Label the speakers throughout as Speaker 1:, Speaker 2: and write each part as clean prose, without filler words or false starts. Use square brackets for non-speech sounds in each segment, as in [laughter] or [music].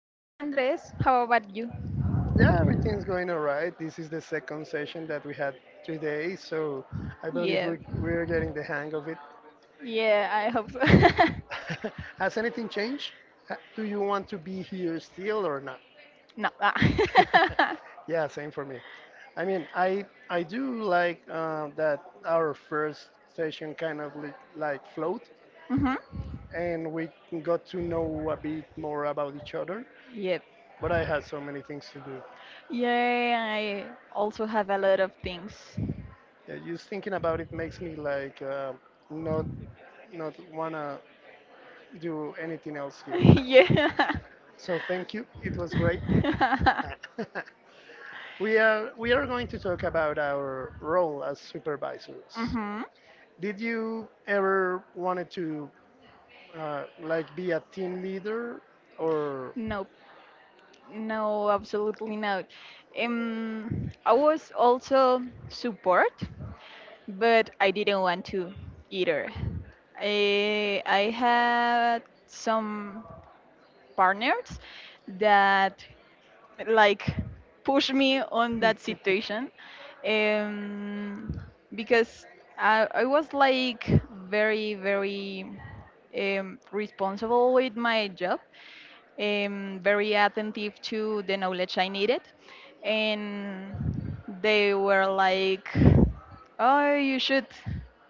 Speaker 1: Fine, Andres. How about you?
Speaker 2: Yeah, everything's going all right. This is the second session that we had today, so I believe
Speaker 1: Yep.
Speaker 2: we're getting the hang of it.
Speaker 1: Yeah, I hope so. [laughs]
Speaker 2: [laughs] Has anything changed? Do you want to be here still or not?
Speaker 1: No.
Speaker 2: [laughs] Yeah, same for me. I mean, I do like that our first session kind of li like flowed,
Speaker 1: Mm-hmm. [laughs]
Speaker 2: and we got to know a bit more about each other.
Speaker 1: Yep.
Speaker 2: But I had so many things to do.
Speaker 1: Yeah, I also have a lot of things.
Speaker 2: Yeah, just thinking about it makes me like not not wanna do anything else here.
Speaker 1: [laughs] Yeah.
Speaker 2: So thank you. It was great. [laughs]
Speaker 1: [laughs]
Speaker 2: We are going to talk about our role as supervisors.
Speaker 1: Mm-hmm.
Speaker 2: Did you ever wanted to like be a team leader or
Speaker 1: Nope. No, absolutely not. I was also support, but I didn't want to either. I had some partners that like push me on that
Speaker 2: [laughs]
Speaker 1: situation um, because I was like very responsible with my job, very attentive to the knowledge I needed, and they were like, oh you should,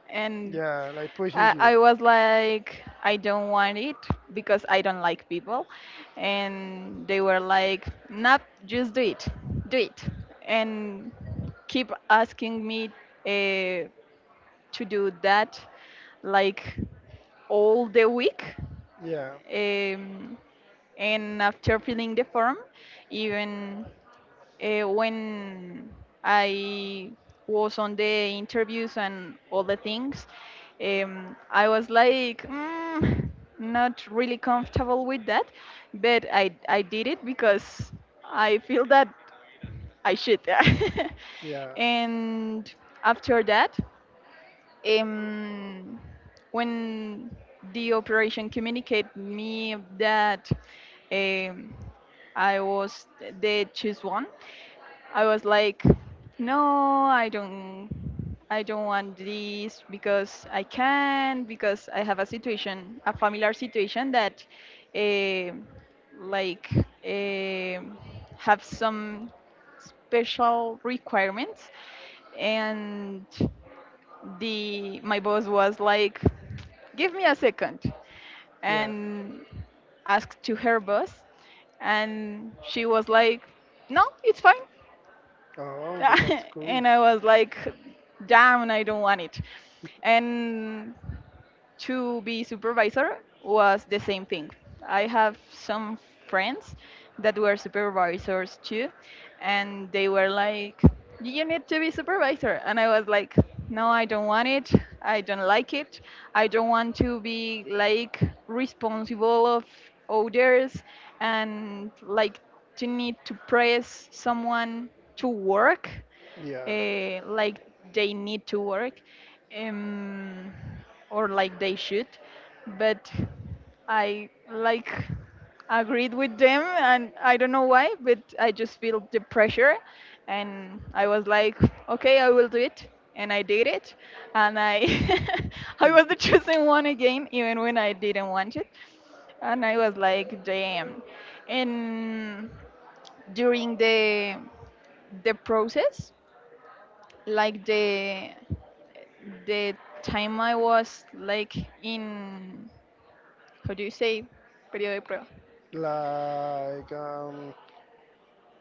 Speaker 1: and
Speaker 2: yeah, like pushing
Speaker 1: I,
Speaker 2: you.
Speaker 1: I was like, I don't want it because I don't like people. And they were like, "Nope, just do it, do it." And keep asking me uh, to do that like all the week.
Speaker 2: Yeah.
Speaker 1: Um, and after filling the form, even when I was on the interviews and all the things, I was like, mm, not really comfortable with that, but I did it because I feel that I should. [laughs]
Speaker 2: Yeah.
Speaker 1: And after that, um, when the operation communicated me that um, I was the choose one, I was like, no, I don't want this because I can, because I have a situation, a familiar situation that, eh, like, eh, have some special requirements, and the my boss was like, give me a second,
Speaker 2: Yeah.
Speaker 1: and asked to her boss, and she was like, no it's fine.
Speaker 2: Oh, but that's
Speaker 1: [laughs]
Speaker 2: cool.
Speaker 1: And I was like, damn I don't want it. And to be supervisor was the same thing. I have some friends that were supervisors too, and they were like, "You need to be supervisor," and I was like, "No, I don't want it. I don't like it. I don't want to be like responsible of others and like to need to press someone to work."
Speaker 2: Yeah.
Speaker 1: Like they need to work, um, or like they should, but I like agreed with them, and I don't know why, but I just feel the pressure, and I was like, okay I will do it, and I did it, and I [laughs] I was the chosen one again even when I didn't want it, and I was like, damn. And during the process, like the time I was like in, how do you say, periodo de prueba,
Speaker 2: Like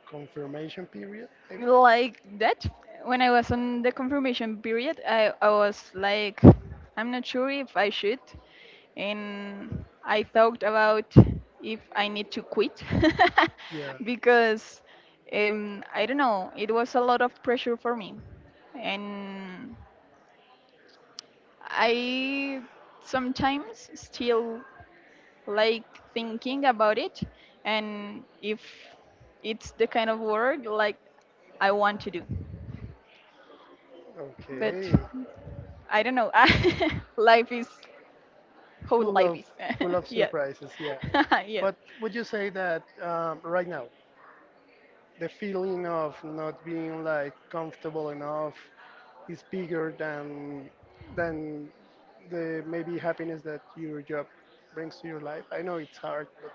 Speaker 2: confirmation period, maybe?
Speaker 1: like that. When I was on the confirmation period, I was like, I'm not sure if I should, and I thought about if I need to quit.
Speaker 2: Yeah.
Speaker 1: [laughs] Because I don't know, it was a lot of pressure for me, and I sometimes still like thinking about it and if it's the kind of work like I want to do. But
Speaker 2: Okay.
Speaker 1: I don't know. [laughs] Life is how
Speaker 2: Full
Speaker 1: life
Speaker 2: of
Speaker 1: is.
Speaker 2: full of
Speaker 1: [laughs] Yes.
Speaker 2: surprises, yeah.
Speaker 1: [laughs] Yes.
Speaker 2: But would you say that right now the feeling of not being like comfortable enough is bigger than than the maybe happiness that your job brings to your life. I know it's hard, but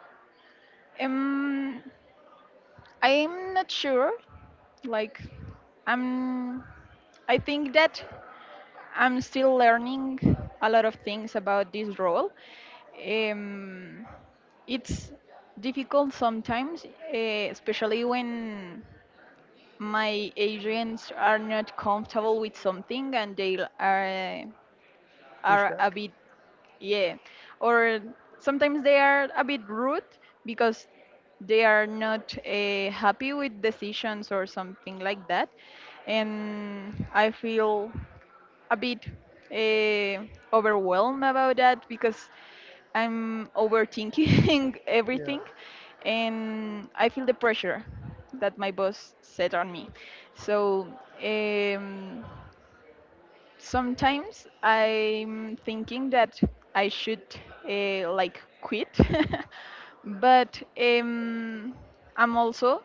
Speaker 1: Um I'm not sure. Like I'm, I think that I'm still learning a lot of things about this role. Um it's difficult sometimes, especially when my agents are not comfortable with something, and
Speaker 2: push
Speaker 1: are a
Speaker 2: back.
Speaker 1: bit, yeah. Or sometimes they are a bit rude because they are not happy with decisions or something like that. And I feel a bit uh, overwhelmed about that because I'm overthinking [laughs]
Speaker 2: Yeah,
Speaker 1: everything, and I feel the pressure that my boss set on me. So, um, sometimes I'm thinking that I should like quit, [laughs] but I'm also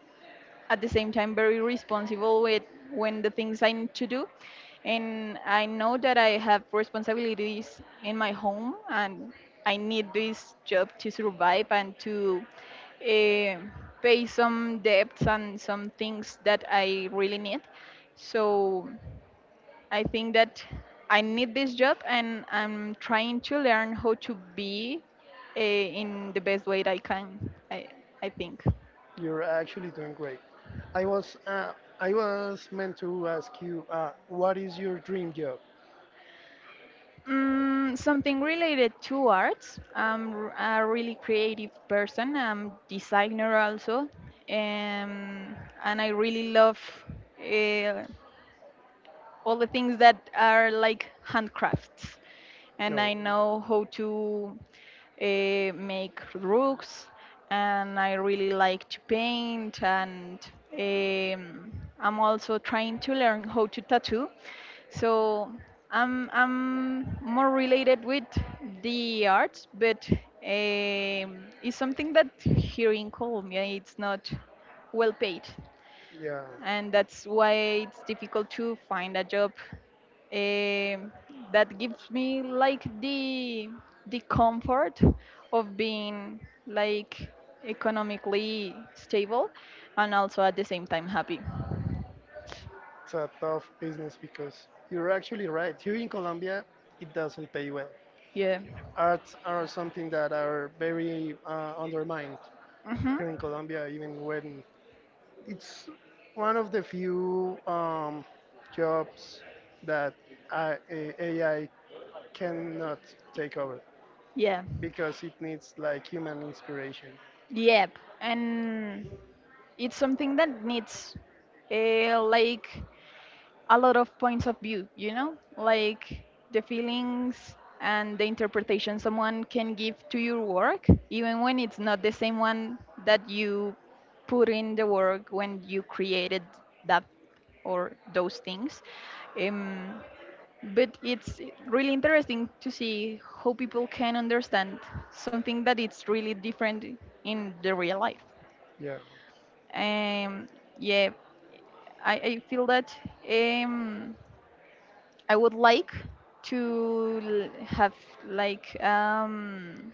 Speaker 1: at the same time very responsible with when the things I need to do, and I know that I have responsibilities in my home, and I need this job to survive and to uh, pay some debts and some things that I really need. So I think that I need this job, and I'm trying to learn how to be in the best way that I can, I think.
Speaker 2: you're actually doing great. I was uh, I was meant to ask you, what is your dream job?
Speaker 1: Mm, something related to arts. A really creative person. I'm designer also, um, and I really love uh, all the things that are like handcrafts. And
Speaker 2: No.
Speaker 1: I know how to make rugs, and I really like to paint. And um, I'm also trying to learn how to tattoo. So I'm more related with the arts, but it's something that here in Colombia it's not well paid,
Speaker 2: Yeah.
Speaker 1: and that's why it's difficult to find a job um, that gives me like the comfort of being like economically stable and also at the same time happy.
Speaker 2: It's a tough business because you're actually right. Here in Colombia, it doesn't pay well.
Speaker 1: Yeah.
Speaker 2: Arts are something that are very undermined
Speaker 1: Mm-hmm.
Speaker 2: here in Colombia, even when it's one of the few jobs that AI cannot take over
Speaker 1: Yeah.
Speaker 2: because it needs like human inspiration.
Speaker 1: Yep. And it's something that needs like a lot of points of view, you know, like the feelings and the interpretation someone can give to your work, even when it's not the same one that you put in the work when you created that or those things. Um, but it's really interesting to see how people can understand something that it's really different in the real life.
Speaker 2: Yeah.
Speaker 1: Um, yeah, I feel that. Um, I would like to have like um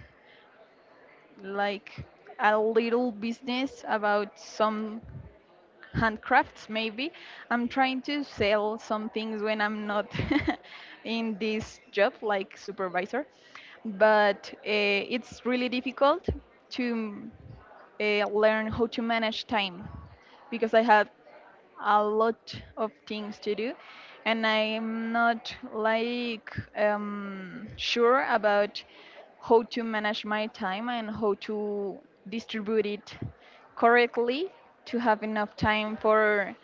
Speaker 2: Having
Speaker 1: like
Speaker 2: business
Speaker 1: a little
Speaker 2: and
Speaker 1: business
Speaker 2: some
Speaker 1: about
Speaker 2: profits,
Speaker 1: some
Speaker 2: maybe trying to
Speaker 1: handcrafts
Speaker 2: sell something
Speaker 1: maybe.
Speaker 2: and things
Speaker 1: I'm
Speaker 2: just like
Speaker 1: trying
Speaker 2: that.
Speaker 1: to
Speaker 2: But it's
Speaker 1: sell some things when I'm not [laughs] in this job like supervisor, but it's really
Speaker 2: really difficult
Speaker 1: difficult to learn how
Speaker 2: to
Speaker 1: to
Speaker 2: manage
Speaker 1: manage
Speaker 2: time.
Speaker 1: time because I have a lot of things to do, and I'm not like sure about how to manage my time and how to distribute it correctly to have enough time for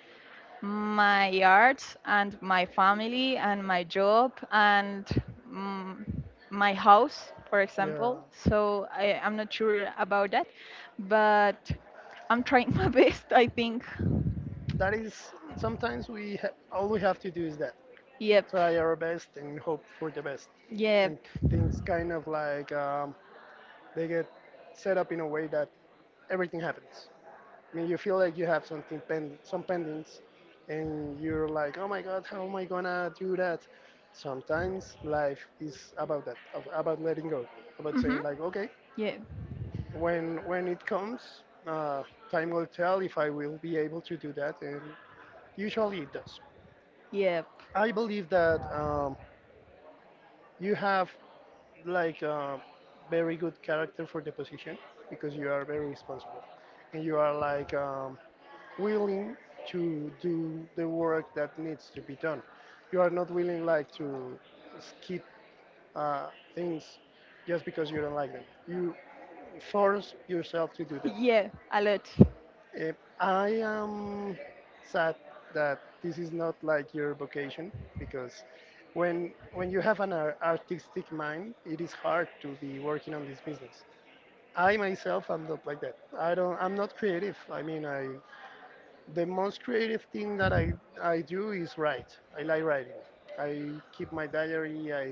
Speaker 1: my arts and my family and my job and, mm, my house for
Speaker 2: Yeah,
Speaker 1: example. So I'm not sure about that, but I'm trying [laughs] my best I think.
Speaker 2: that is sometimes all we have to do is that
Speaker 1: Yep.
Speaker 2: try our best and hope for the best and
Speaker 1: Yep.
Speaker 2: things kind of like they get set up in a way that everything happens. I mean, you feel like you have something some pendings and you're like, oh my god, how am I gonna do that. Sometimes life is about that, about letting go, about
Speaker 1: Mhm.
Speaker 2: saying like okay
Speaker 1: Yep.
Speaker 2: when it comes time will tell if I will be able to do that, and usually it does.
Speaker 1: Yep.
Speaker 2: I believe that you have like a very good character for the position because you are very responsible, and you are like willing to do the work that needs to be done. You are not willing like to skip uh, things just because you don't like them. You force yourself to do them.
Speaker 1: Yeah. A lot.
Speaker 2: Eh, I am sad that this is not like your vocation because when you have an artistic mind, it is hard to be working on this business. I myself am not like that. I don't. I'm not creative. I mean, I the most creative thing that I do is write. I like writing. I keep my diary.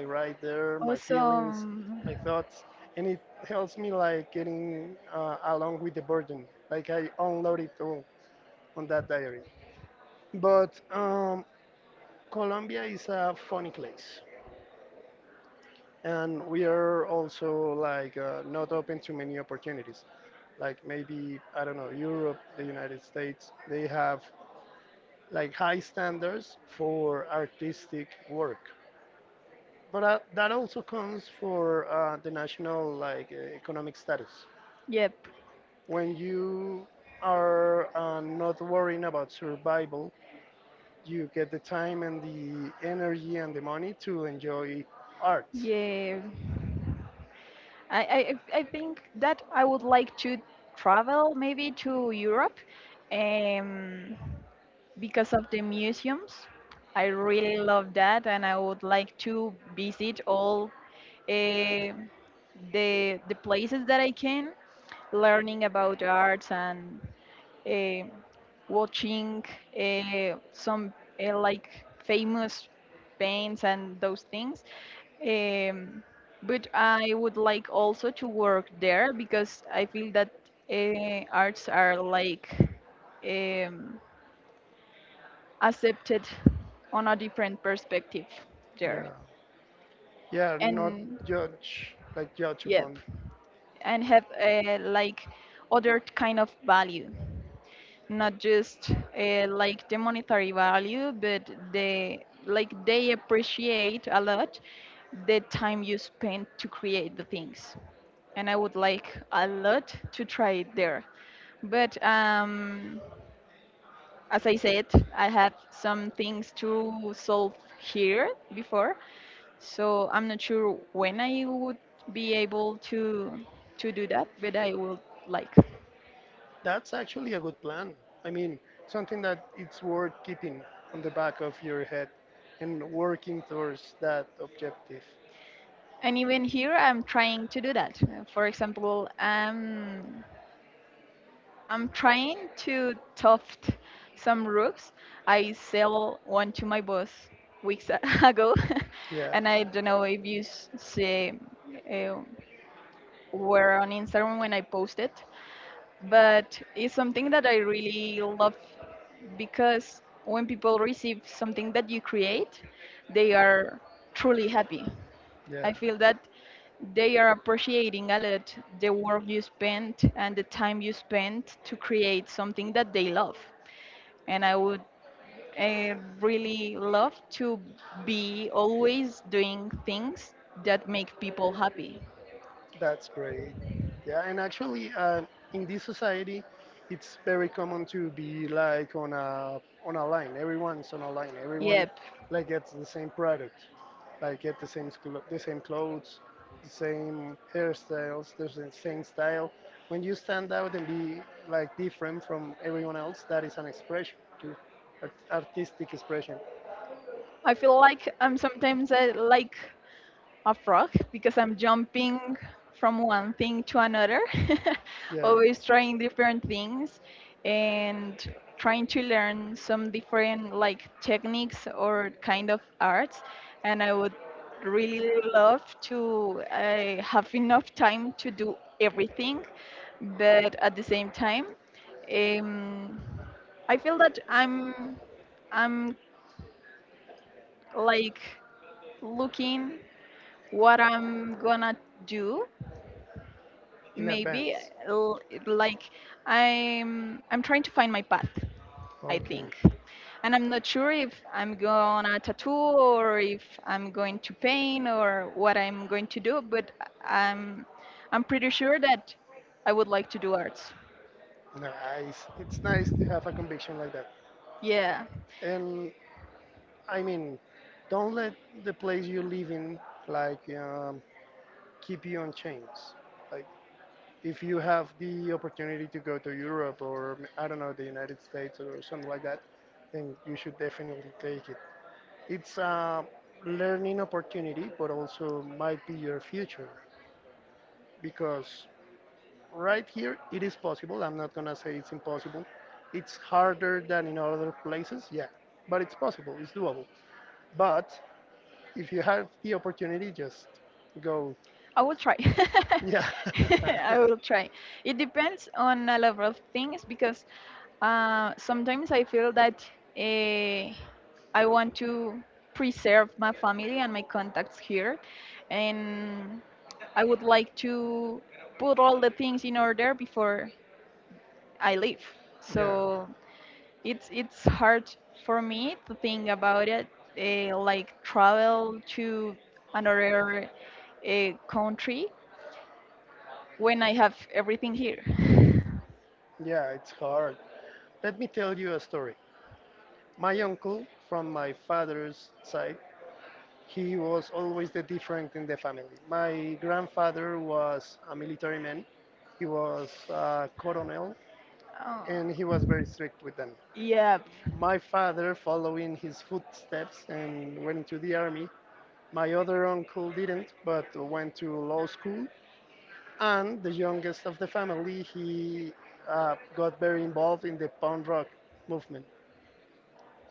Speaker 2: I write there my feelings,
Speaker 1: Awesome.
Speaker 2: my thoughts, and it helps me like getting along with the burden. Like, I unload it all on that diary. But Colombia is a funny place, and we are also like not open to many opportunities. Like, maybe I don't know, Europe, the United States, they have like high standards for artistic work. But that also comes for the national like economic status.
Speaker 1: Yep.
Speaker 2: When you are not worrying about survival, you get the time and the energy and the money to enjoy art.
Speaker 1: Yeah. I think that I would like to travel maybe to Europe, um, because of the museums. I really love that, and I would like to visit all uh, the places that I can, learning about arts and uh, watching some like famous bands and those things. Um, but I would like also to work there because I feel that arts are like um, accepted on a different perspective there.
Speaker 2: Yeah, yeah, not
Speaker 1: And
Speaker 2: judge like judge
Speaker 1: yep,
Speaker 2: upon.
Speaker 1: and have like other kind of value. Not just like the monetary value, but the, like they appreciate a lot the time you spend to create the things. And I would like a lot to try it there. But as I said, I have some things to solve here before, so I'm not sure when I would be able to do that, but I would like.
Speaker 2: That's actually a good plan. I mean, something that it's worth keeping on the back of your head and working towards that objective.
Speaker 1: And even here, I'm trying to do that. For example, I'm trying to tuft some rooks. I sell one to my boss weeks a- [laughs] ago, [laughs]
Speaker 2: Yeah.
Speaker 1: and I don't know if see uh, were on Instagram when I posted, but it's something that I really love because when people receive something that you create, they are truly happy.
Speaker 2: Yeah.
Speaker 1: I feel that they are appreciating a lot the work you spent and the time you spent to create something that they love. And I would really love to be always doing things that make people happy.
Speaker 2: That's great. Yeah, and actually, in this society, it's very common to be like on a line. Everyone's on a line. Everyone
Speaker 1: Yep.
Speaker 2: like gets the same product, like get the same the same clothes, the same hairstyles, the same style. When you stand out and be like different from everyone else, that is an expression too, artistic expression.
Speaker 1: I feel like I'm sometimes like a frog because I'm jumping from one thing to another, [laughs]
Speaker 2: Yeah.
Speaker 1: always trying different things and trying to learn some different like techniques or kind of arts. And I would really love to have enough time to do everything, but at the same time, um, I feel that I'm like looking what I'm gonna do,
Speaker 2: In
Speaker 1: maybe
Speaker 2: advance.
Speaker 1: l- like I'm trying to find my path I
Speaker 2: Okay.
Speaker 1: think, and I'm not sure if I'm gonna tattoo or if I'm going to paint or what I'm going to do, but i'm I'm pretty sure that I would like to do arts.
Speaker 2: Nice. It's nice to have a conviction like that.
Speaker 1: Yeah.
Speaker 2: And I mean, don't let the place you live in like keep you on chains. Like, if you have the opportunity to go to Europe or I don't know the United States or something like that, then you should definitely take it. It's a learning opportunity, but also might be your future because right here it is possible. I'm not gonna say it's impossible. It's harder than in other places, yeah, but it's possible. It's doable. But if you have the opportunity, just go.
Speaker 1: I will try.
Speaker 2: Yeah,
Speaker 1: [laughs] I will
Speaker 2: [laughs]
Speaker 1: try. It depends on a lot of things because sometimes I feel that uh, I want to preserve my family and my contacts here, and I would like to put all the things in order before I leave.
Speaker 2: yeah,
Speaker 1: So it's hard for me to think about it, like travel to another country when I have everything here.
Speaker 2: yeah. It's hard. Let me tell you a story. My uncle, from my father's side, he was always the different in the family. My grandfather was a military man, he was a colonel,
Speaker 1: Oh,
Speaker 2: and he was very strict with them.
Speaker 1: yep.
Speaker 2: My father, following his footsteps and went into the army. My other uncle didn't, but went to law school. And the youngest of the family, he got very involved in the punk rock movement.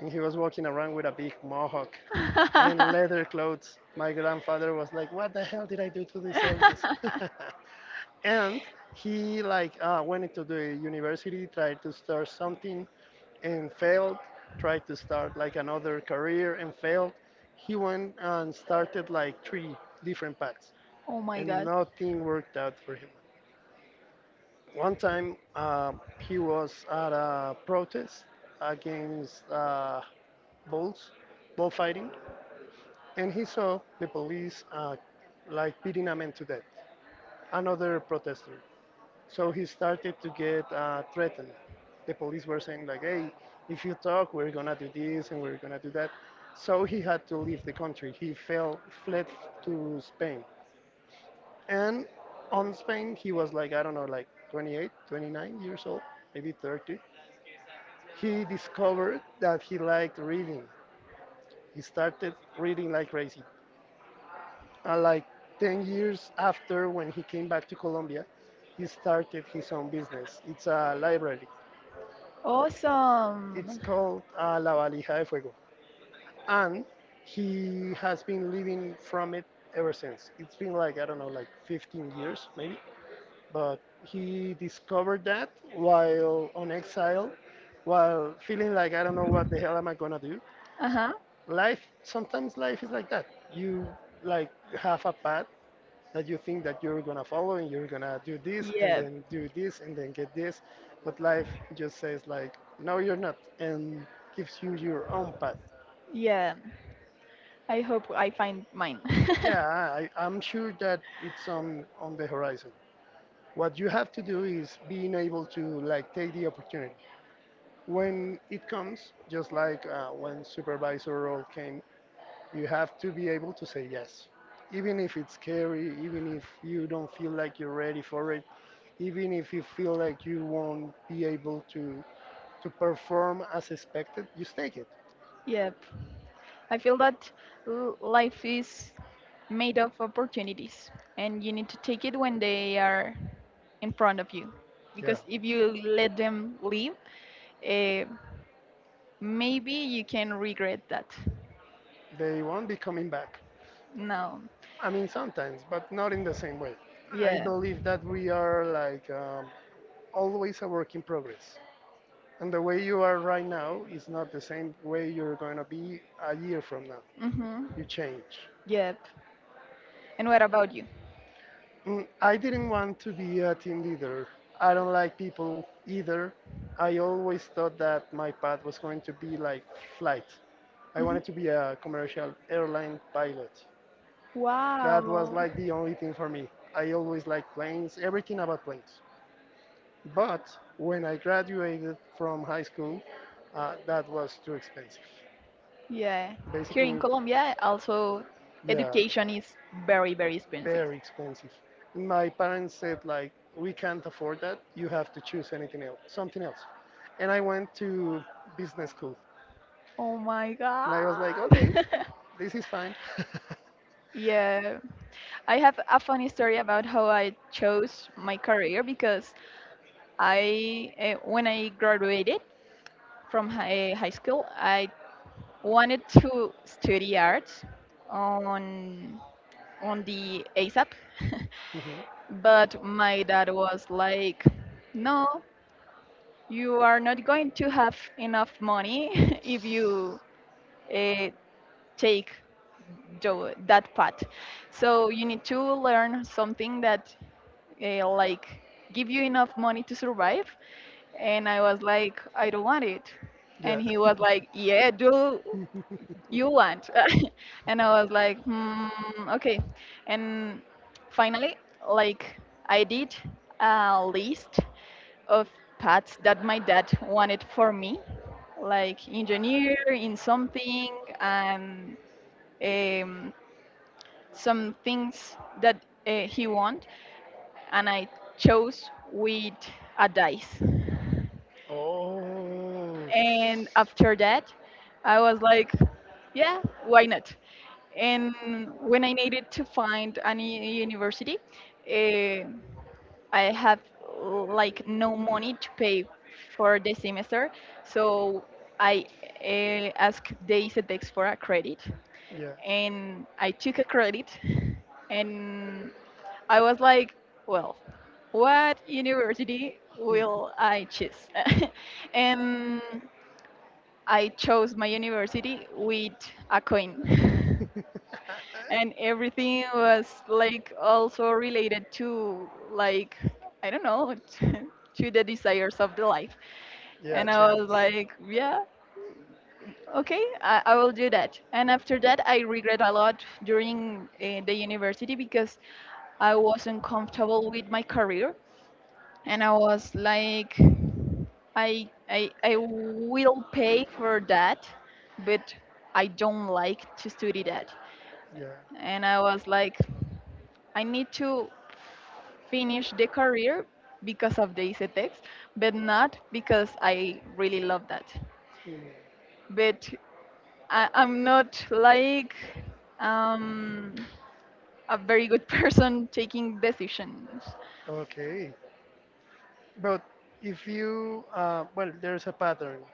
Speaker 2: And he was walking around with a big mohawk
Speaker 1: [laughs]
Speaker 2: and leather clothes. My grandfather was like, "What the hell did I do to deserve this?" [laughs] And he like went into the university, tried to start something and failed. Tried to start like another career and failed. He went and started like three different paths,
Speaker 1: Oh my
Speaker 2: and
Speaker 1: god.
Speaker 2: nothing worked out for him. One time he was at a protest against bulls, bullfighting, and he saw the police like beating a man to death, another protester. So he started to get threatened. The police were saying like, "Hey, if you talk, we're gonna do this and we're gonna do that." So he had to leave the country. He fell, fled to Spain, and on Spain he was like I don't know, like 28, 29 years old, maybe 30. He discovered that he liked reading. He started reading like crazy. And like 10 years after, when he came back to Colombia, he started his own business. It's a library. It's
Speaker 1: Awesome.
Speaker 2: called La Valija de Fuego. And he has been living from it ever since. It's been like, I don't know, like 15 years maybe. But he discovered that while on exile, while feeling like, I don't know what the hell am I gonna do.
Speaker 1: Uh huh.
Speaker 2: Life, sometimes life is like that. You like have a path that you think that you're gonna follow and you're gonna do this and
Speaker 1: Yep.
Speaker 2: then do this and then get this, but life just says like, no you're not, and gives you your own path.
Speaker 1: Yeah. I hope I find mine.
Speaker 2: Yeah, I'm sure that it's on the horizon. What you have to do is being able to like take the opportunity when it comes, just like when supervisor role came, you have to be able to say yes even if it's scary, even if you don't feel like you're ready for it, even if you feel like you won't be able to perform as expected, just take it.
Speaker 1: [laughs] Yep. I feel that life is made of opportunities, and you need to take it when they are in front of you.
Speaker 2: Yeah,
Speaker 1: Because if you let them leave, uh, maybe you can regret that.
Speaker 2: they won't be coming back.
Speaker 1: No.
Speaker 2: I mean, sometimes, but not in the same way. I
Speaker 1: Yeah.
Speaker 2: believe that we are like always a work in progress, and the way you are right now is not the same way you're going to be a year from now.
Speaker 1: Mm-hmm.
Speaker 2: You change.
Speaker 1: Yep. And what about you?
Speaker 2: Mm, I didn't want to be a team leader. I don't like people either. I always thought that my path was going to be like flight. I
Speaker 1: Mhm.
Speaker 2: wanted to be a commercial airline pilot. That was
Speaker 1: Wow.
Speaker 2: like the only thing for me. I always liked planes, everything about planes. But when I graduated from high school, that was too expensive.
Speaker 1: Yeah. Here in
Speaker 2: Basically,
Speaker 1: Colombia, also
Speaker 2: yeah.
Speaker 1: education is very, very expensive.
Speaker 2: Very expensive. And my parents said like, we can't afford that. You have to choose anything else, something else. And I went to business school.
Speaker 1: Oh my
Speaker 2: And I was like,
Speaker 1: God.
Speaker 2: okay,
Speaker 1: [laughs]
Speaker 2: this is fine. [laughs]
Speaker 1: Yeah, I have a funny story about how I chose my career because I, when I graduated from high school, I wanted to study arts on on the ASAP, [laughs]
Speaker 2: Mhm.
Speaker 1: but my dad was like, no, you are not going to have enough money [laughs] if you uh, take that path. So you need to learn something that like give you enough money to survive. And I was like, I don't want it. And
Speaker 2: Yeah.
Speaker 1: he was
Speaker 2: [laughs]
Speaker 1: like, yeah, do. You want? [laughs] And I was like, okay. And finally, like I did a list of paths that my dad wanted for me, like engineer in something, and um, some things that he want. And I chose with a dice.
Speaker 2: Oh.
Speaker 1: And after that, I was like, yeah, why not? And when I needed to find any university, eh, I have like no money to pay for the semester, so I asked the ICETEX for a credit,
Speaker 2: Yeah.
Speaker 1: and I took a credit, and I was like, well, what university
Speaker 2: Hmm. [laughs]
Speaker 1: will I choose? [laughs] and I chose my university with a coin. [laughs] and everything was like also related to like, I don't know, [laughs] to the desires of the life.
Speaker 2: Yeah,
Speaker 1: And I was
Speaker 2: chance.
Speaker 1: like, yeah, okay, I will do that. And after that, I regret a lot during the university because I wasn't comfortable with my career, and I was like, I will pay for that, but I don't like to study that.
Speaker 2: Yeah.
Speaker 1: And I was like, I need to finish the career because of the ICTX, but not because I really love that.
Speaker 2: Mm.
Speaker 1: But I'm not like um, a very good [laughs] person taking decisions.
Speaker 2: Okay. But if you, well, there's a pattern.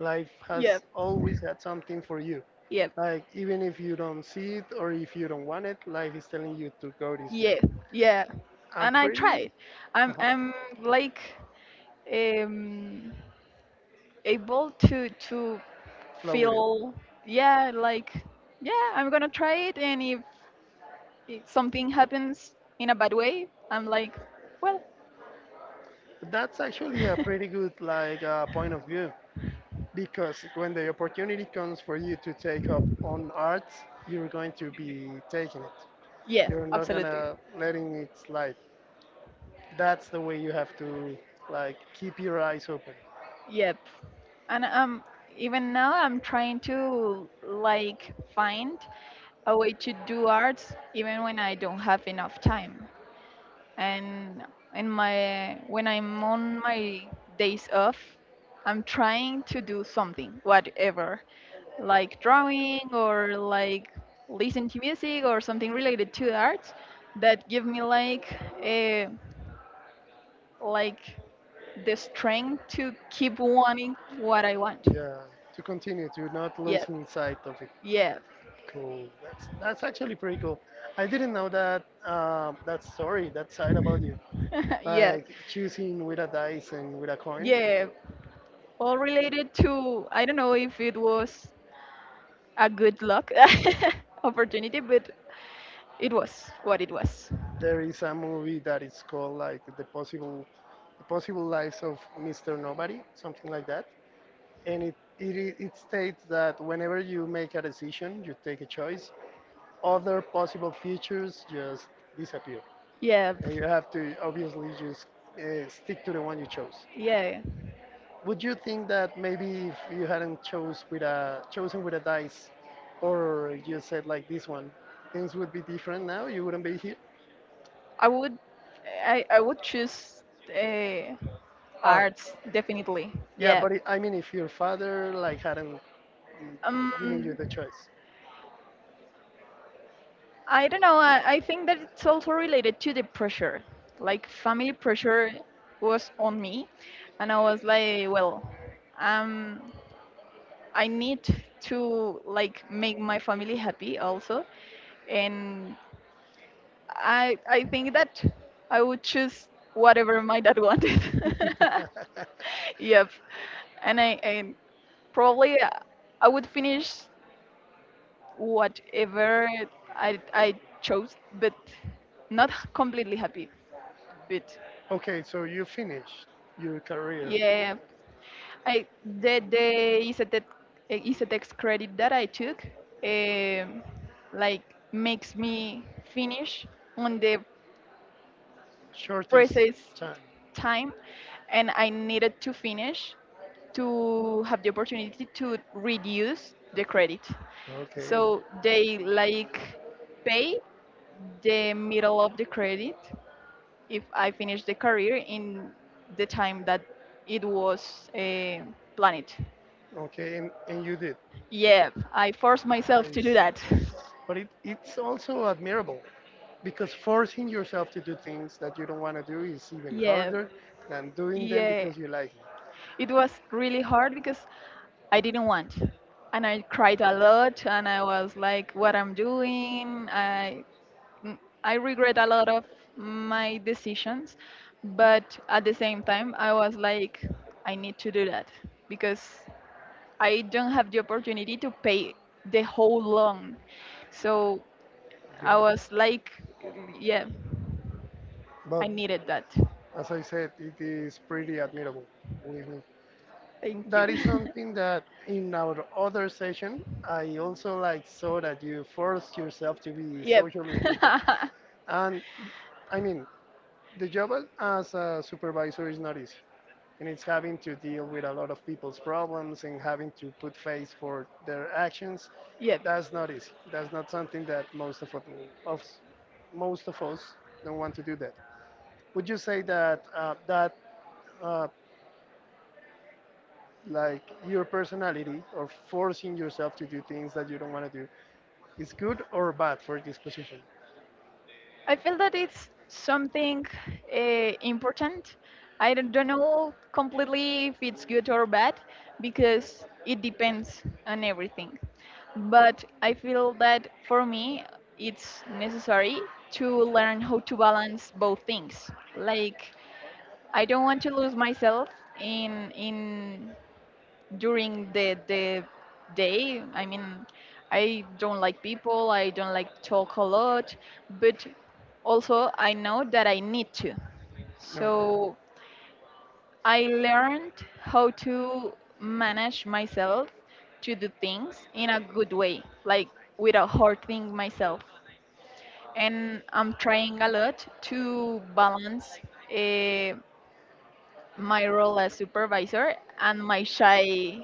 Speaker 2: Life has
Speaker 1: Yep,
Speaker 2: always had something for you.
Speaker 1: yep.
Speaker 2: Like, even if you don't see it or if you don't want it, life is telling you to go this
Speaker 1: Yeah,
Speaker 2: way.
Speaker 1: yeah.
Speaker 2: I'm
Speaker 1: And I
Speaker 2: pretty,
Speaker 1: tried. I'm
Speaker 2: uh-huh,
Speaker 1: I'm like um able to
Speaker 2: flow with it.
Speaker 1: feel, yeah, like, yeah, I'm gonna try it, and if it, something happens in a bad way, I'm like, well.
Speaker 2: That's actually a pretty
Speaker 1: [laughs]
Speaker 2: good, like, point of view. Because when the opportunity comes for you to take up on arts, you're going to be taking it.
Speaker 1: yes,
Speaker 2: You're not
Speaker 1: absolutely.
Speaker 2: gonna letting it slide. That's the way you have to like keep your eyes open.
Speaker 1: Yep. And even now, I'm trying to like find a way to do arts even when I don't have enough time. And in my, when I'm on my days off, I'm trying to do something, whatever, like drawing or like listen to music or something related to the arts, that give me like a, like, the strength to keep wanting what I want.
Speaker 2: Yeah, to continue to not
Speaker 1: Yep.
Speaker 2: losing sight of it.
Speaker 1: Yep.
Speaker 2: Cool. That's actually pretty cool. I didn't know that that story, that side about you.
Speaker 1: [laughs] Yep.
Speaker 2: Like choosing with a dice and with a coin.
Speaker 1: Yeah. All related to, I don't know if it was a good luck [laughs] opportunity, but it was what it was.
Speaker 2: There is a movie that is called like the possible lives of Mr. Nobody, something like that. And it states that whenever you make a decision, you take a choice. Other possible futures just disappear.
Speaker 1: Yeah, b-
Speaker 2: And you have to obviously just stick to the one you chose.
Speaker 1: yeah,
Speaker 2: Would you think that maybe if you hadn't chose with a chosen with a dice, or you said like this one, things would be different now? You wouldn't be here.
Speaker 1: I would, I would choose uh,
Speaker 2: Arts.
Speaker 1: arts definitely.
Speaker 2: Yeah,
Speaker 1: Yeah.
Speaker 2: but it, I mean, if your father like hadn't given you
Speaker 1: Um,
Speaker 2: the choice.
Speaker 1: I don't know. I think that it's also related to the pressure. Like family pressure was on me, and I was like, well, um, I need to like make my family happy also, and I think that I would choose whatever my dad wanted. [laughs] Yep. And I probably I would finish whatever I chose, but not h- completely happy. But
Speaker 2: Okay, so you finished your career,
Speaker 1: yeah, I the ICTX, ICTX credit that I took, um, like, makes me finish on the
Speaker 2: shortest
Speaker 1: precise
Speaker 2: time.
Speaker 1: time, and I needed to finish to have the opportunity to reduce the credit.
Speaker 2: Okay.
Speaker 1: So they like pay the middle of the credit if I finish the career in the time that it was planned.
Speaker 2: Okay, and you did.
Speaker 1: Yeah, I forced myself to do
Speaker 2: Nice.
Speaker 1: that. [laughs]
Speaker 2: But it's also admirable because forcing yourself to do things that you don't want to do is even
Speaker 1: Yeah,
Speaker 2: harder than doing them
Speaker 1: yeah.
Speaker 2: because you like it.
Speaker 1: It was really hard because I didn't want. And I cried a lot and I was like, what I'm doing. I, mm, I regret a lot of my decisions. But at the same time, I was like, I need to do that because I don't have the opportunity to pay the whole loan. So
Speaker 2: Yeah.
Speaker 1: I was like, yeah, I
Speaker 2: But
Speaker 1: needed that.
Speaker 2: as I said, it is pretty admirable, believe me.
Speaker 1: Thank you.
Speaker 2: That is something that in our other session, I also like saw that you forced yourself to
Speaker 1: [laughs]
Speaker 2: be
Speaker 1: yep.
Speaker 2: social with people. And I mean, the job as a supervisor is not easy, and it's having to deal with a lot of people's problems and having to put face for their actions.
Speaker 1: [laughs] yep.
Speaker 2: That's not easy. That's not something that us- most of us don't want to do that. Would you say that uh, like your personality or forcing yourself to do things that you don't want to do is good or bad for this position?
Speaker 1: I feel that it's something important. I don't know completely if it's good or bad because it depends on everything. But I feel that for me, it's necessary to learn how to balance both things. Like, I don't want to lose myself in during the day. I mean, I don't like people. I don't like talk a lot, but also I know that I need to.
Speaker 2: Okay,
Speaker 1: So I learned how to manage myself to do things in a good way, like without hurting myself. And I'm trying a lot to balance uh, my role as supervisor and my shy.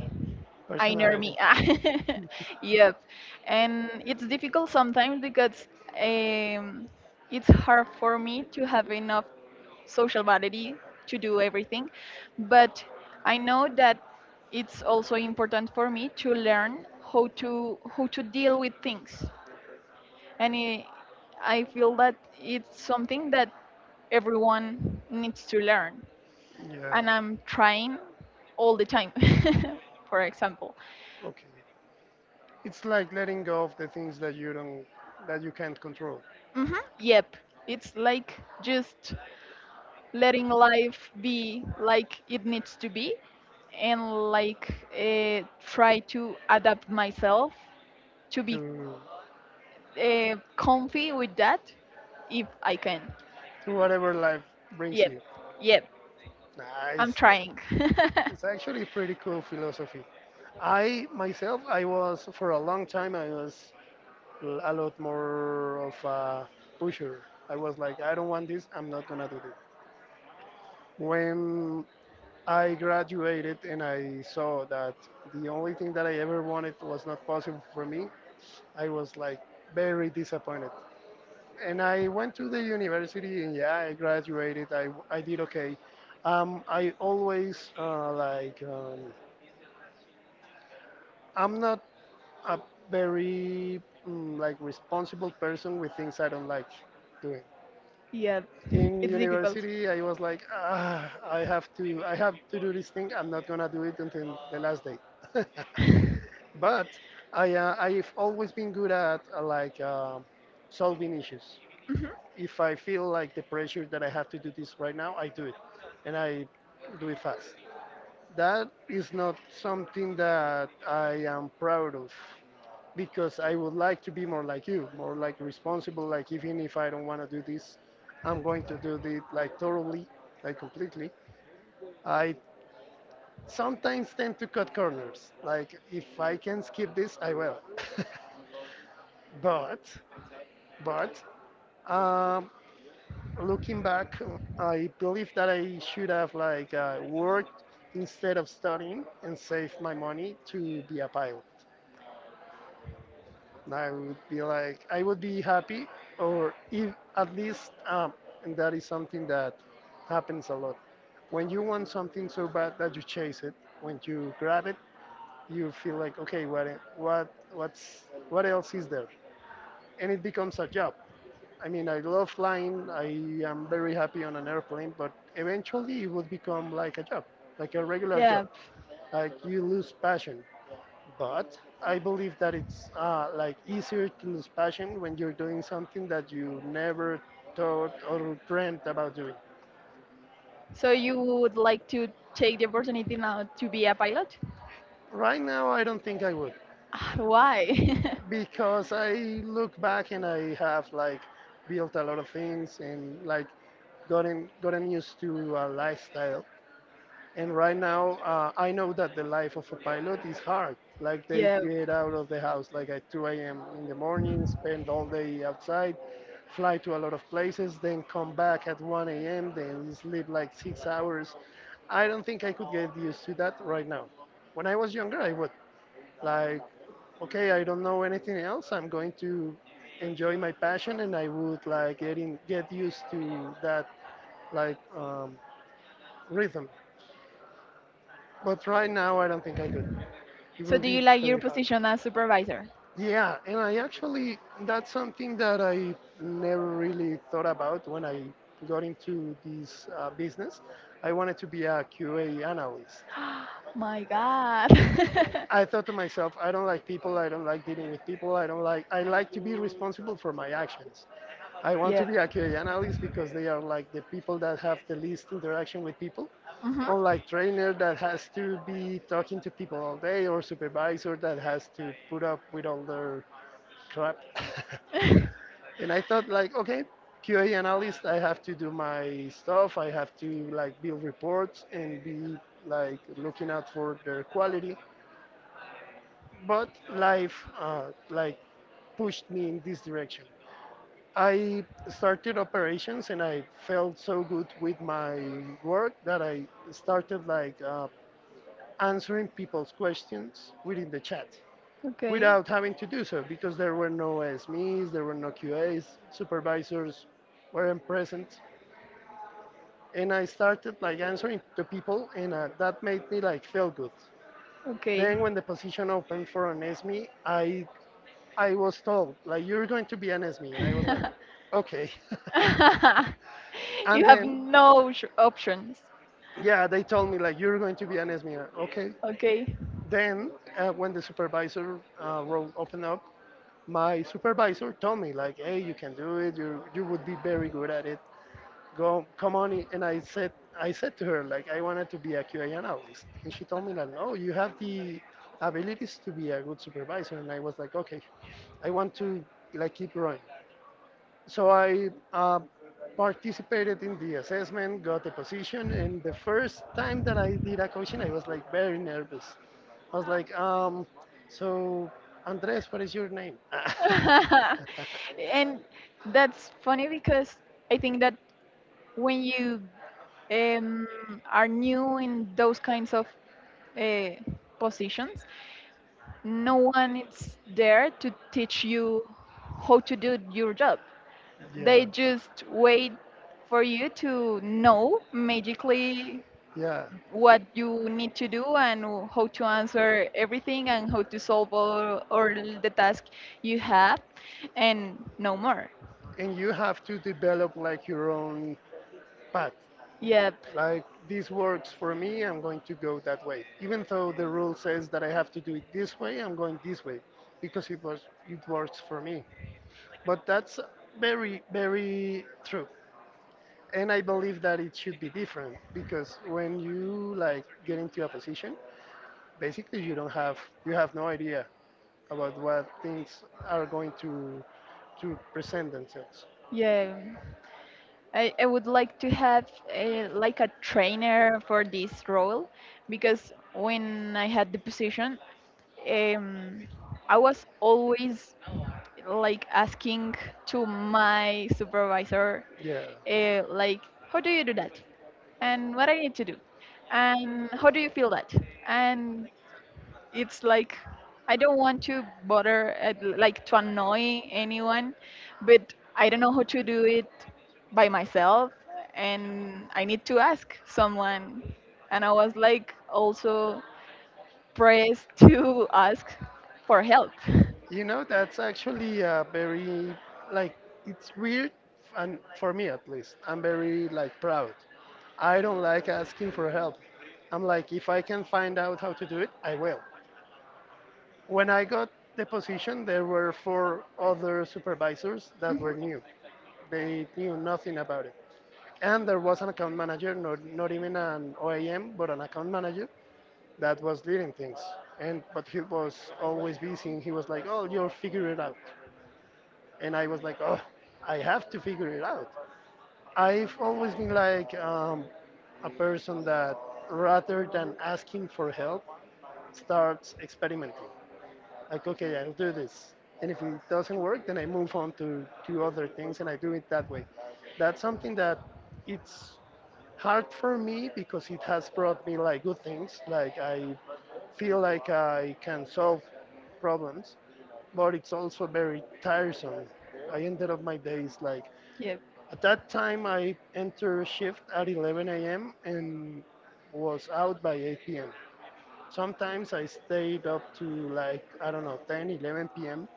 Speaker 1: I know
Speaker 2: personality.
Speaker 1: me. Ah.
Speaker 2: Yeah,
Speaker 1: [laughs] Yep. And it's difficult sometimes because um, it's hard for me to have enough social validity to do everything. But I know that it's also important for me to learn how to deal with things. And I feel that it's something that everyone needs to learn.
Speaker 2: yeah.
Speaker 1: And I'm trying all the time, [laughs] for example.
Speaker 2: Okay. It's like letting go of the things that you don't, that you can't control,
Speaker 1: Hmm. Yep. It's like just letting life be like it needs to be, and like try to adapt myself to be
Speaker 2: to
Speaker 1: comfy with that if I can.
Speaker 2: to whatever life brings
Speaker 1: Yep.
Speaker 2: you.
Speaker 1: Yep. I'm
Speaker 2: Nice.
Speaker 1: trying. [laughs]
Speaker 2: It's actually a pretty cool philosophy. I myself, I was for a long time, I was a lot more of a pusher. I was like, I don't want this, I'm not gonna do it. When I graduated and I saw that the only thing that I ever wanted was not possible for me, I was like very disappointed, and I went to the university and yeah, I graduated. I did okay. I always I'm not a very like responsible person with things I don't like doing.
Speaker 1: Yep.
Speaker 2: In
Speaker 1: It's difficult.
Speaker 2: university, I was like, ah, I have to do this thing. I'm not gonna do it until the last day. [laughs] But I I've always been good at solving issues. If I feel like the pressure that I have to do this right now, I do it, and I do it fast. That is not something that I am proud of because I would like to be more like you, more like responsible. Like even if I don't want to do this, I'm going to do it like thoroughly, like completely. I sometimes tend to cut corners. Like if I can skip this, I will. [laughs] but but um, looking back, I believe that I should have like worked instead of studying and saved my money to be a pilot. And I would be like, I would be happy, or if at least, and that is something that happens a lot. When you want something so bad that you chase it, when you grab it, you feel like, okay, what else is there? And it becomes a job. I mean, I love flying. I am very happy on an airplane, but eventually it would become like a job, like a regular job.
Speaker 1: Yep.
Speaker 2: Like you lose passion. But I believe that it's like easier to lose passion when you're doing something that you never thought or dreamt about doing.
Speaker 1: So you would like to take the opportunity now to be a pilot?
Speaker 2: Right now, I don't think I would
Speaker 1: Ah, why? [laughs]
Speaker 2: because I look back and I have like built a lot of things and like gotten used to a lifestyle. And right now, I know that the life of a pilot is hard. Like they
Speaker 1: Yep.
Speaker 2: get out of the house like at 2 a.m. in the morning, spend all day outside, fly to a lot of places, then come back at 1 a.m., then sleep like 6 hours. I don't think I could get used to that right now. When I was younger, I would. Like, okay, I don't know anything else. I'm going to enjoy my passion, and I would like get used to that like rhythm. But right now, I don't think I could. It
Speaker 1: So
Speaker 2: will
Speaker 1: do
Speaker 2: be
Speaker 1: you like your
Speaker 2: very hard.
Speaker 1: position as supervisor?
Speaker 2: Yeah, and I actually, that's something that I never really thought about when I got into this business. I wanted to be a QA analyst.
Speaker 1: [gasps] My God. [laughs]
Speaker 2: I thought to myself, I don't like people, I don't like dealing with people, I don't like, I like to be responsible for my actions. I want
Speaker 1: Yeah.
Speaker 2: to be a QA analyst because they are like the people that have the least interaction with people.
Speaker 1: Mhm.
Speaker 2: Unlike trainer that has to be talking to people all day or supervisor that has to put up with all their crap.
Speaker 1: [laughs]
Speaker 2: [laughs] And I thought like, okay, QA analyst, I have to do my stuff. I have to like build reports and be like looking out for their quality. But life like pushed me in this direction. I started operations and I felt so good with my work that I started like answering people's questions within the chat,
Speaker 1: Okay.
Speaker 2: without having to do so because there were no SMEs, there were no QAs, supervisors weren't present. And I started like answering to people, and that made me like feel good.
Speaker 1: Okay.
Speaker 2: Then when the position opened for an SME, I was told like you're going to be an SME, and I was like,
Speaker 1: [laughs]
Speaker 2: okay. [laughs] And
Speaker 1: You have
Speaker 2: then
Speaker 1: no sh- options.
Speaker 2: yeah, they told me like you're going to be an SME, okay.
Speaker 1: Okay.
Speaker 2: Then when the supervisor role opened up, my supervisor told me like hey you can do it, you would be very good at it, go come on. And I said to her like I wanted to be a QA analyst, and she told me like no, you have the abilities to be a good supervisor, and I was like okay, I want to like keep growing. So I participated in the assessment, got a position, and the first time that I did a coaching, I was like very nervous. I was like, so Andres, what is your name? [laughs]
Speaker 1: [laughs] And that's funny because I think that when you um, are new in those kinds of uh, positions, no one is there to teach you how to do your job. They
Speaker 2: Yeah,
Speaker 1: just wait for you to know magically
Speaker 2: yeah.
Speaker 1: what you need to do and how to answer everything and how to solve all the task you have and no more.
Speaker 2: And you have to develop like your own path.
Speaker 1: Yep.
Speaker 2: Like this works for me, I'm going to go that way. Even though the rule says that I have to do it this way, I'm going this way because it works for me. But that's very, very true, and I believe that it should be different because when you like get into a position, basically you have no idea about what things are going to present themselves.
Speaker 1: Yeah. I would like to have a, like a trainer for this role because when I had the position, um, I was always like asking to my supervisor,
Speaker 2: Yeah.
Speaker 1: like, how do you do that? And what I need to do? And how do you feel that? And it's like, I don't want to bother, like, to annoy anyone, but I don't know how to do it by myself, and I need to ask someone. And I was like, also press to ask for help.
Speaker 2: You know, that's actually a very, like, it's weird, and for me at least, I'm very, like, proud. I don't like asking for help. I'm like, if I can find out how to do it, I will. When I got the position, there were four other supervisors that
Speaker 1: Hmm.
Speaker 2: were new. They knew nothing about it. And there was an account manager, not even an OAM, but an account manager that was leading things. And but he was always busy and he was like, oh, you'll figure it out. And I was like, oh, I have to figure it out. I've always been like a person that rather than asking for help starts experimenting. Like, okay, I'll do this. And if it doesn't work, then I move on to, other things and I do it that way. That's something that it's hard for me because it has brought me like good things. Like I feel like I can solve problems, but it's also very tiresome. I ended up my days like
Speaker 1: Yep,
Speaker 2: at that time, I entered shift at 11 a.m. and was out by 8 p.m. Sometimes I stayed up to like, I don't know, 10, 11 p.m.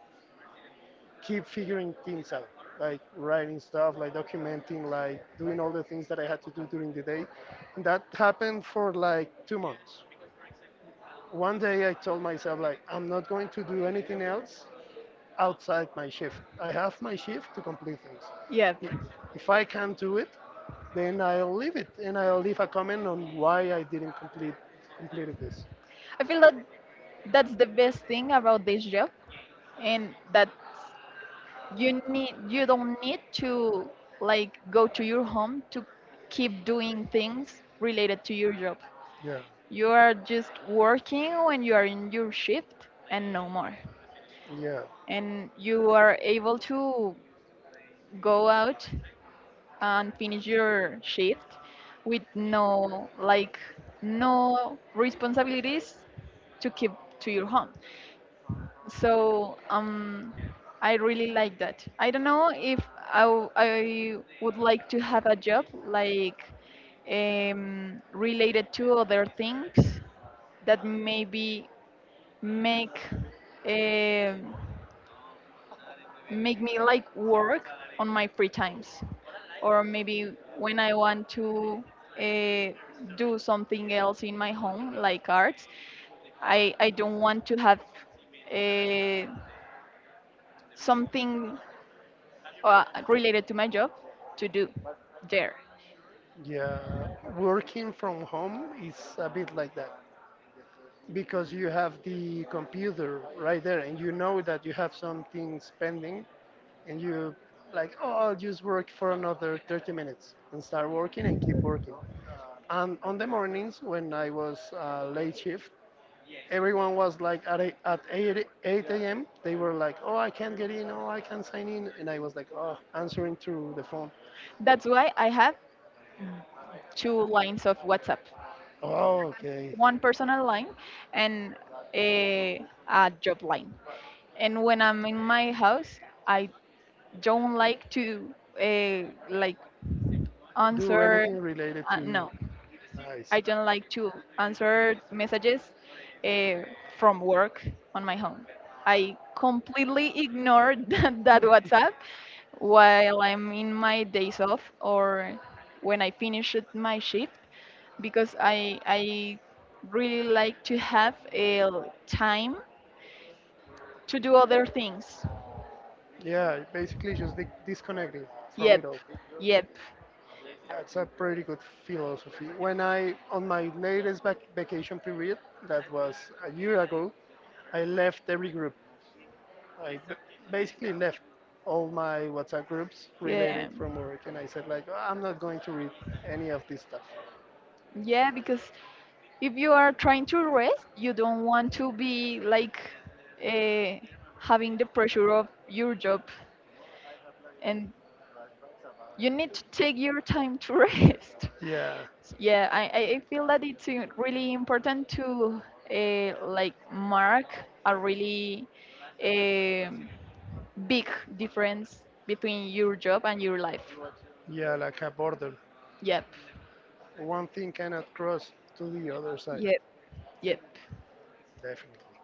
Speaker 2: Keep figuring things out, like writing stuff, like documenting, like doing all the things that I had to do during the day. And that happened for like 2 months. One day I told myself, like, I'm not going to do anything else outside my shift. I have my shift to complete things.
Speaker 1: yep.
Speaker 2: If I can't do it, then I'll leave it and I'll leave a comment on why I didn't completed this.
Speaker 1: I feel that that's the best thing about this job, and that you need, you don't need to like go to your home to keep doing things related to your job.
Speaker 2: Yeah,
Speaker 1: You are just working when you are in your shift and no more.
Speaker 2: yeah,
Speaker 1: And you are able to go out and finish your shift with no like no responsibilities to keep to your home. So I really like that. I don't know if I, w- I would like to have a job like related to other things that maybe make um, make me like work on my free times or maybe when I want to uh, do something else in my home like arts. I don't want to have uh, something related to my job to do there.
Speaker 2: yeah. Working from home is a bit like that because you have the computer right there and you know that you have something pending and you like oh I'll just work for another 30 minutes and start working and keep working. And on the mornings when I was late shift, everyone was like at, eight at 8, 8 a.m. They were like, oh, I can't get in. Oh, I can't sign in. And I was like, oh, answering through the phone.
Speaker 1: That's why I have two lines of WhatsApp,
Speaker 2: Oh, okay.
Speaker 1: one personal line and a job line. And when I'm in my house, I don't like to uh, like
Speaker 2: Do
Speaker 1: answer.
Speaker 2: anything related to
Speaker 1: No,
Speaker 2: nice.
Speaker 1: I don't like to answer messages uh, from work on my home. I completely ignore [laughs] that, that WhatsApp
Speaker 2: [laughs]
Speaker 1: while I'm in my days off or when I finish it- my shift because I really like to have a time to do other things.
Speaker 2: Yeah, basically just disconnecting from it
Speaker 1: Yep,
Speaker 2: all.
Speaker 1: yep,
Speaker 2: That's a pretty good philosophy. When I, on my latest vacation period, that was a year ago, I left every group. I b- Basically left all my WhatsApp groups related
Speaker 1: yeah,
Speaker 2: from work, and I said like, I'm not going to read any of this stuff.
Speaker 1: yeah. Because if you are trying to rest, you don't want to be like uh, having the pressure of your job, and you need to take your time to [laughs] rest.
Speaker 2: Yeah,
Speaker 1: Yeah, I feel that it's really important to like mark a really um big difference between your job and your life.
Speaker 2: yeah, like a border.
Speaker 1: Yep,
Speaker 2: One thing cannot cross to the other side.
Speaker 1: yep, yep.
Speaker 2: Definitely.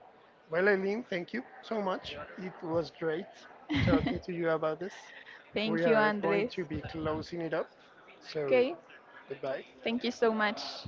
Speaker 2: Well, Eileen, thank you so much. It was great talking to
Speaker 1: [laughs]
Speaker 2: you about this. We
Speaker 1: Thank you,
Speaker 2: are going
Speaker 1: Andres.
Speaker 2: to be closing it up. So,
Speaker 1: Okay,
Speaker 2: goodbye.
Speaker 1: thank you so much.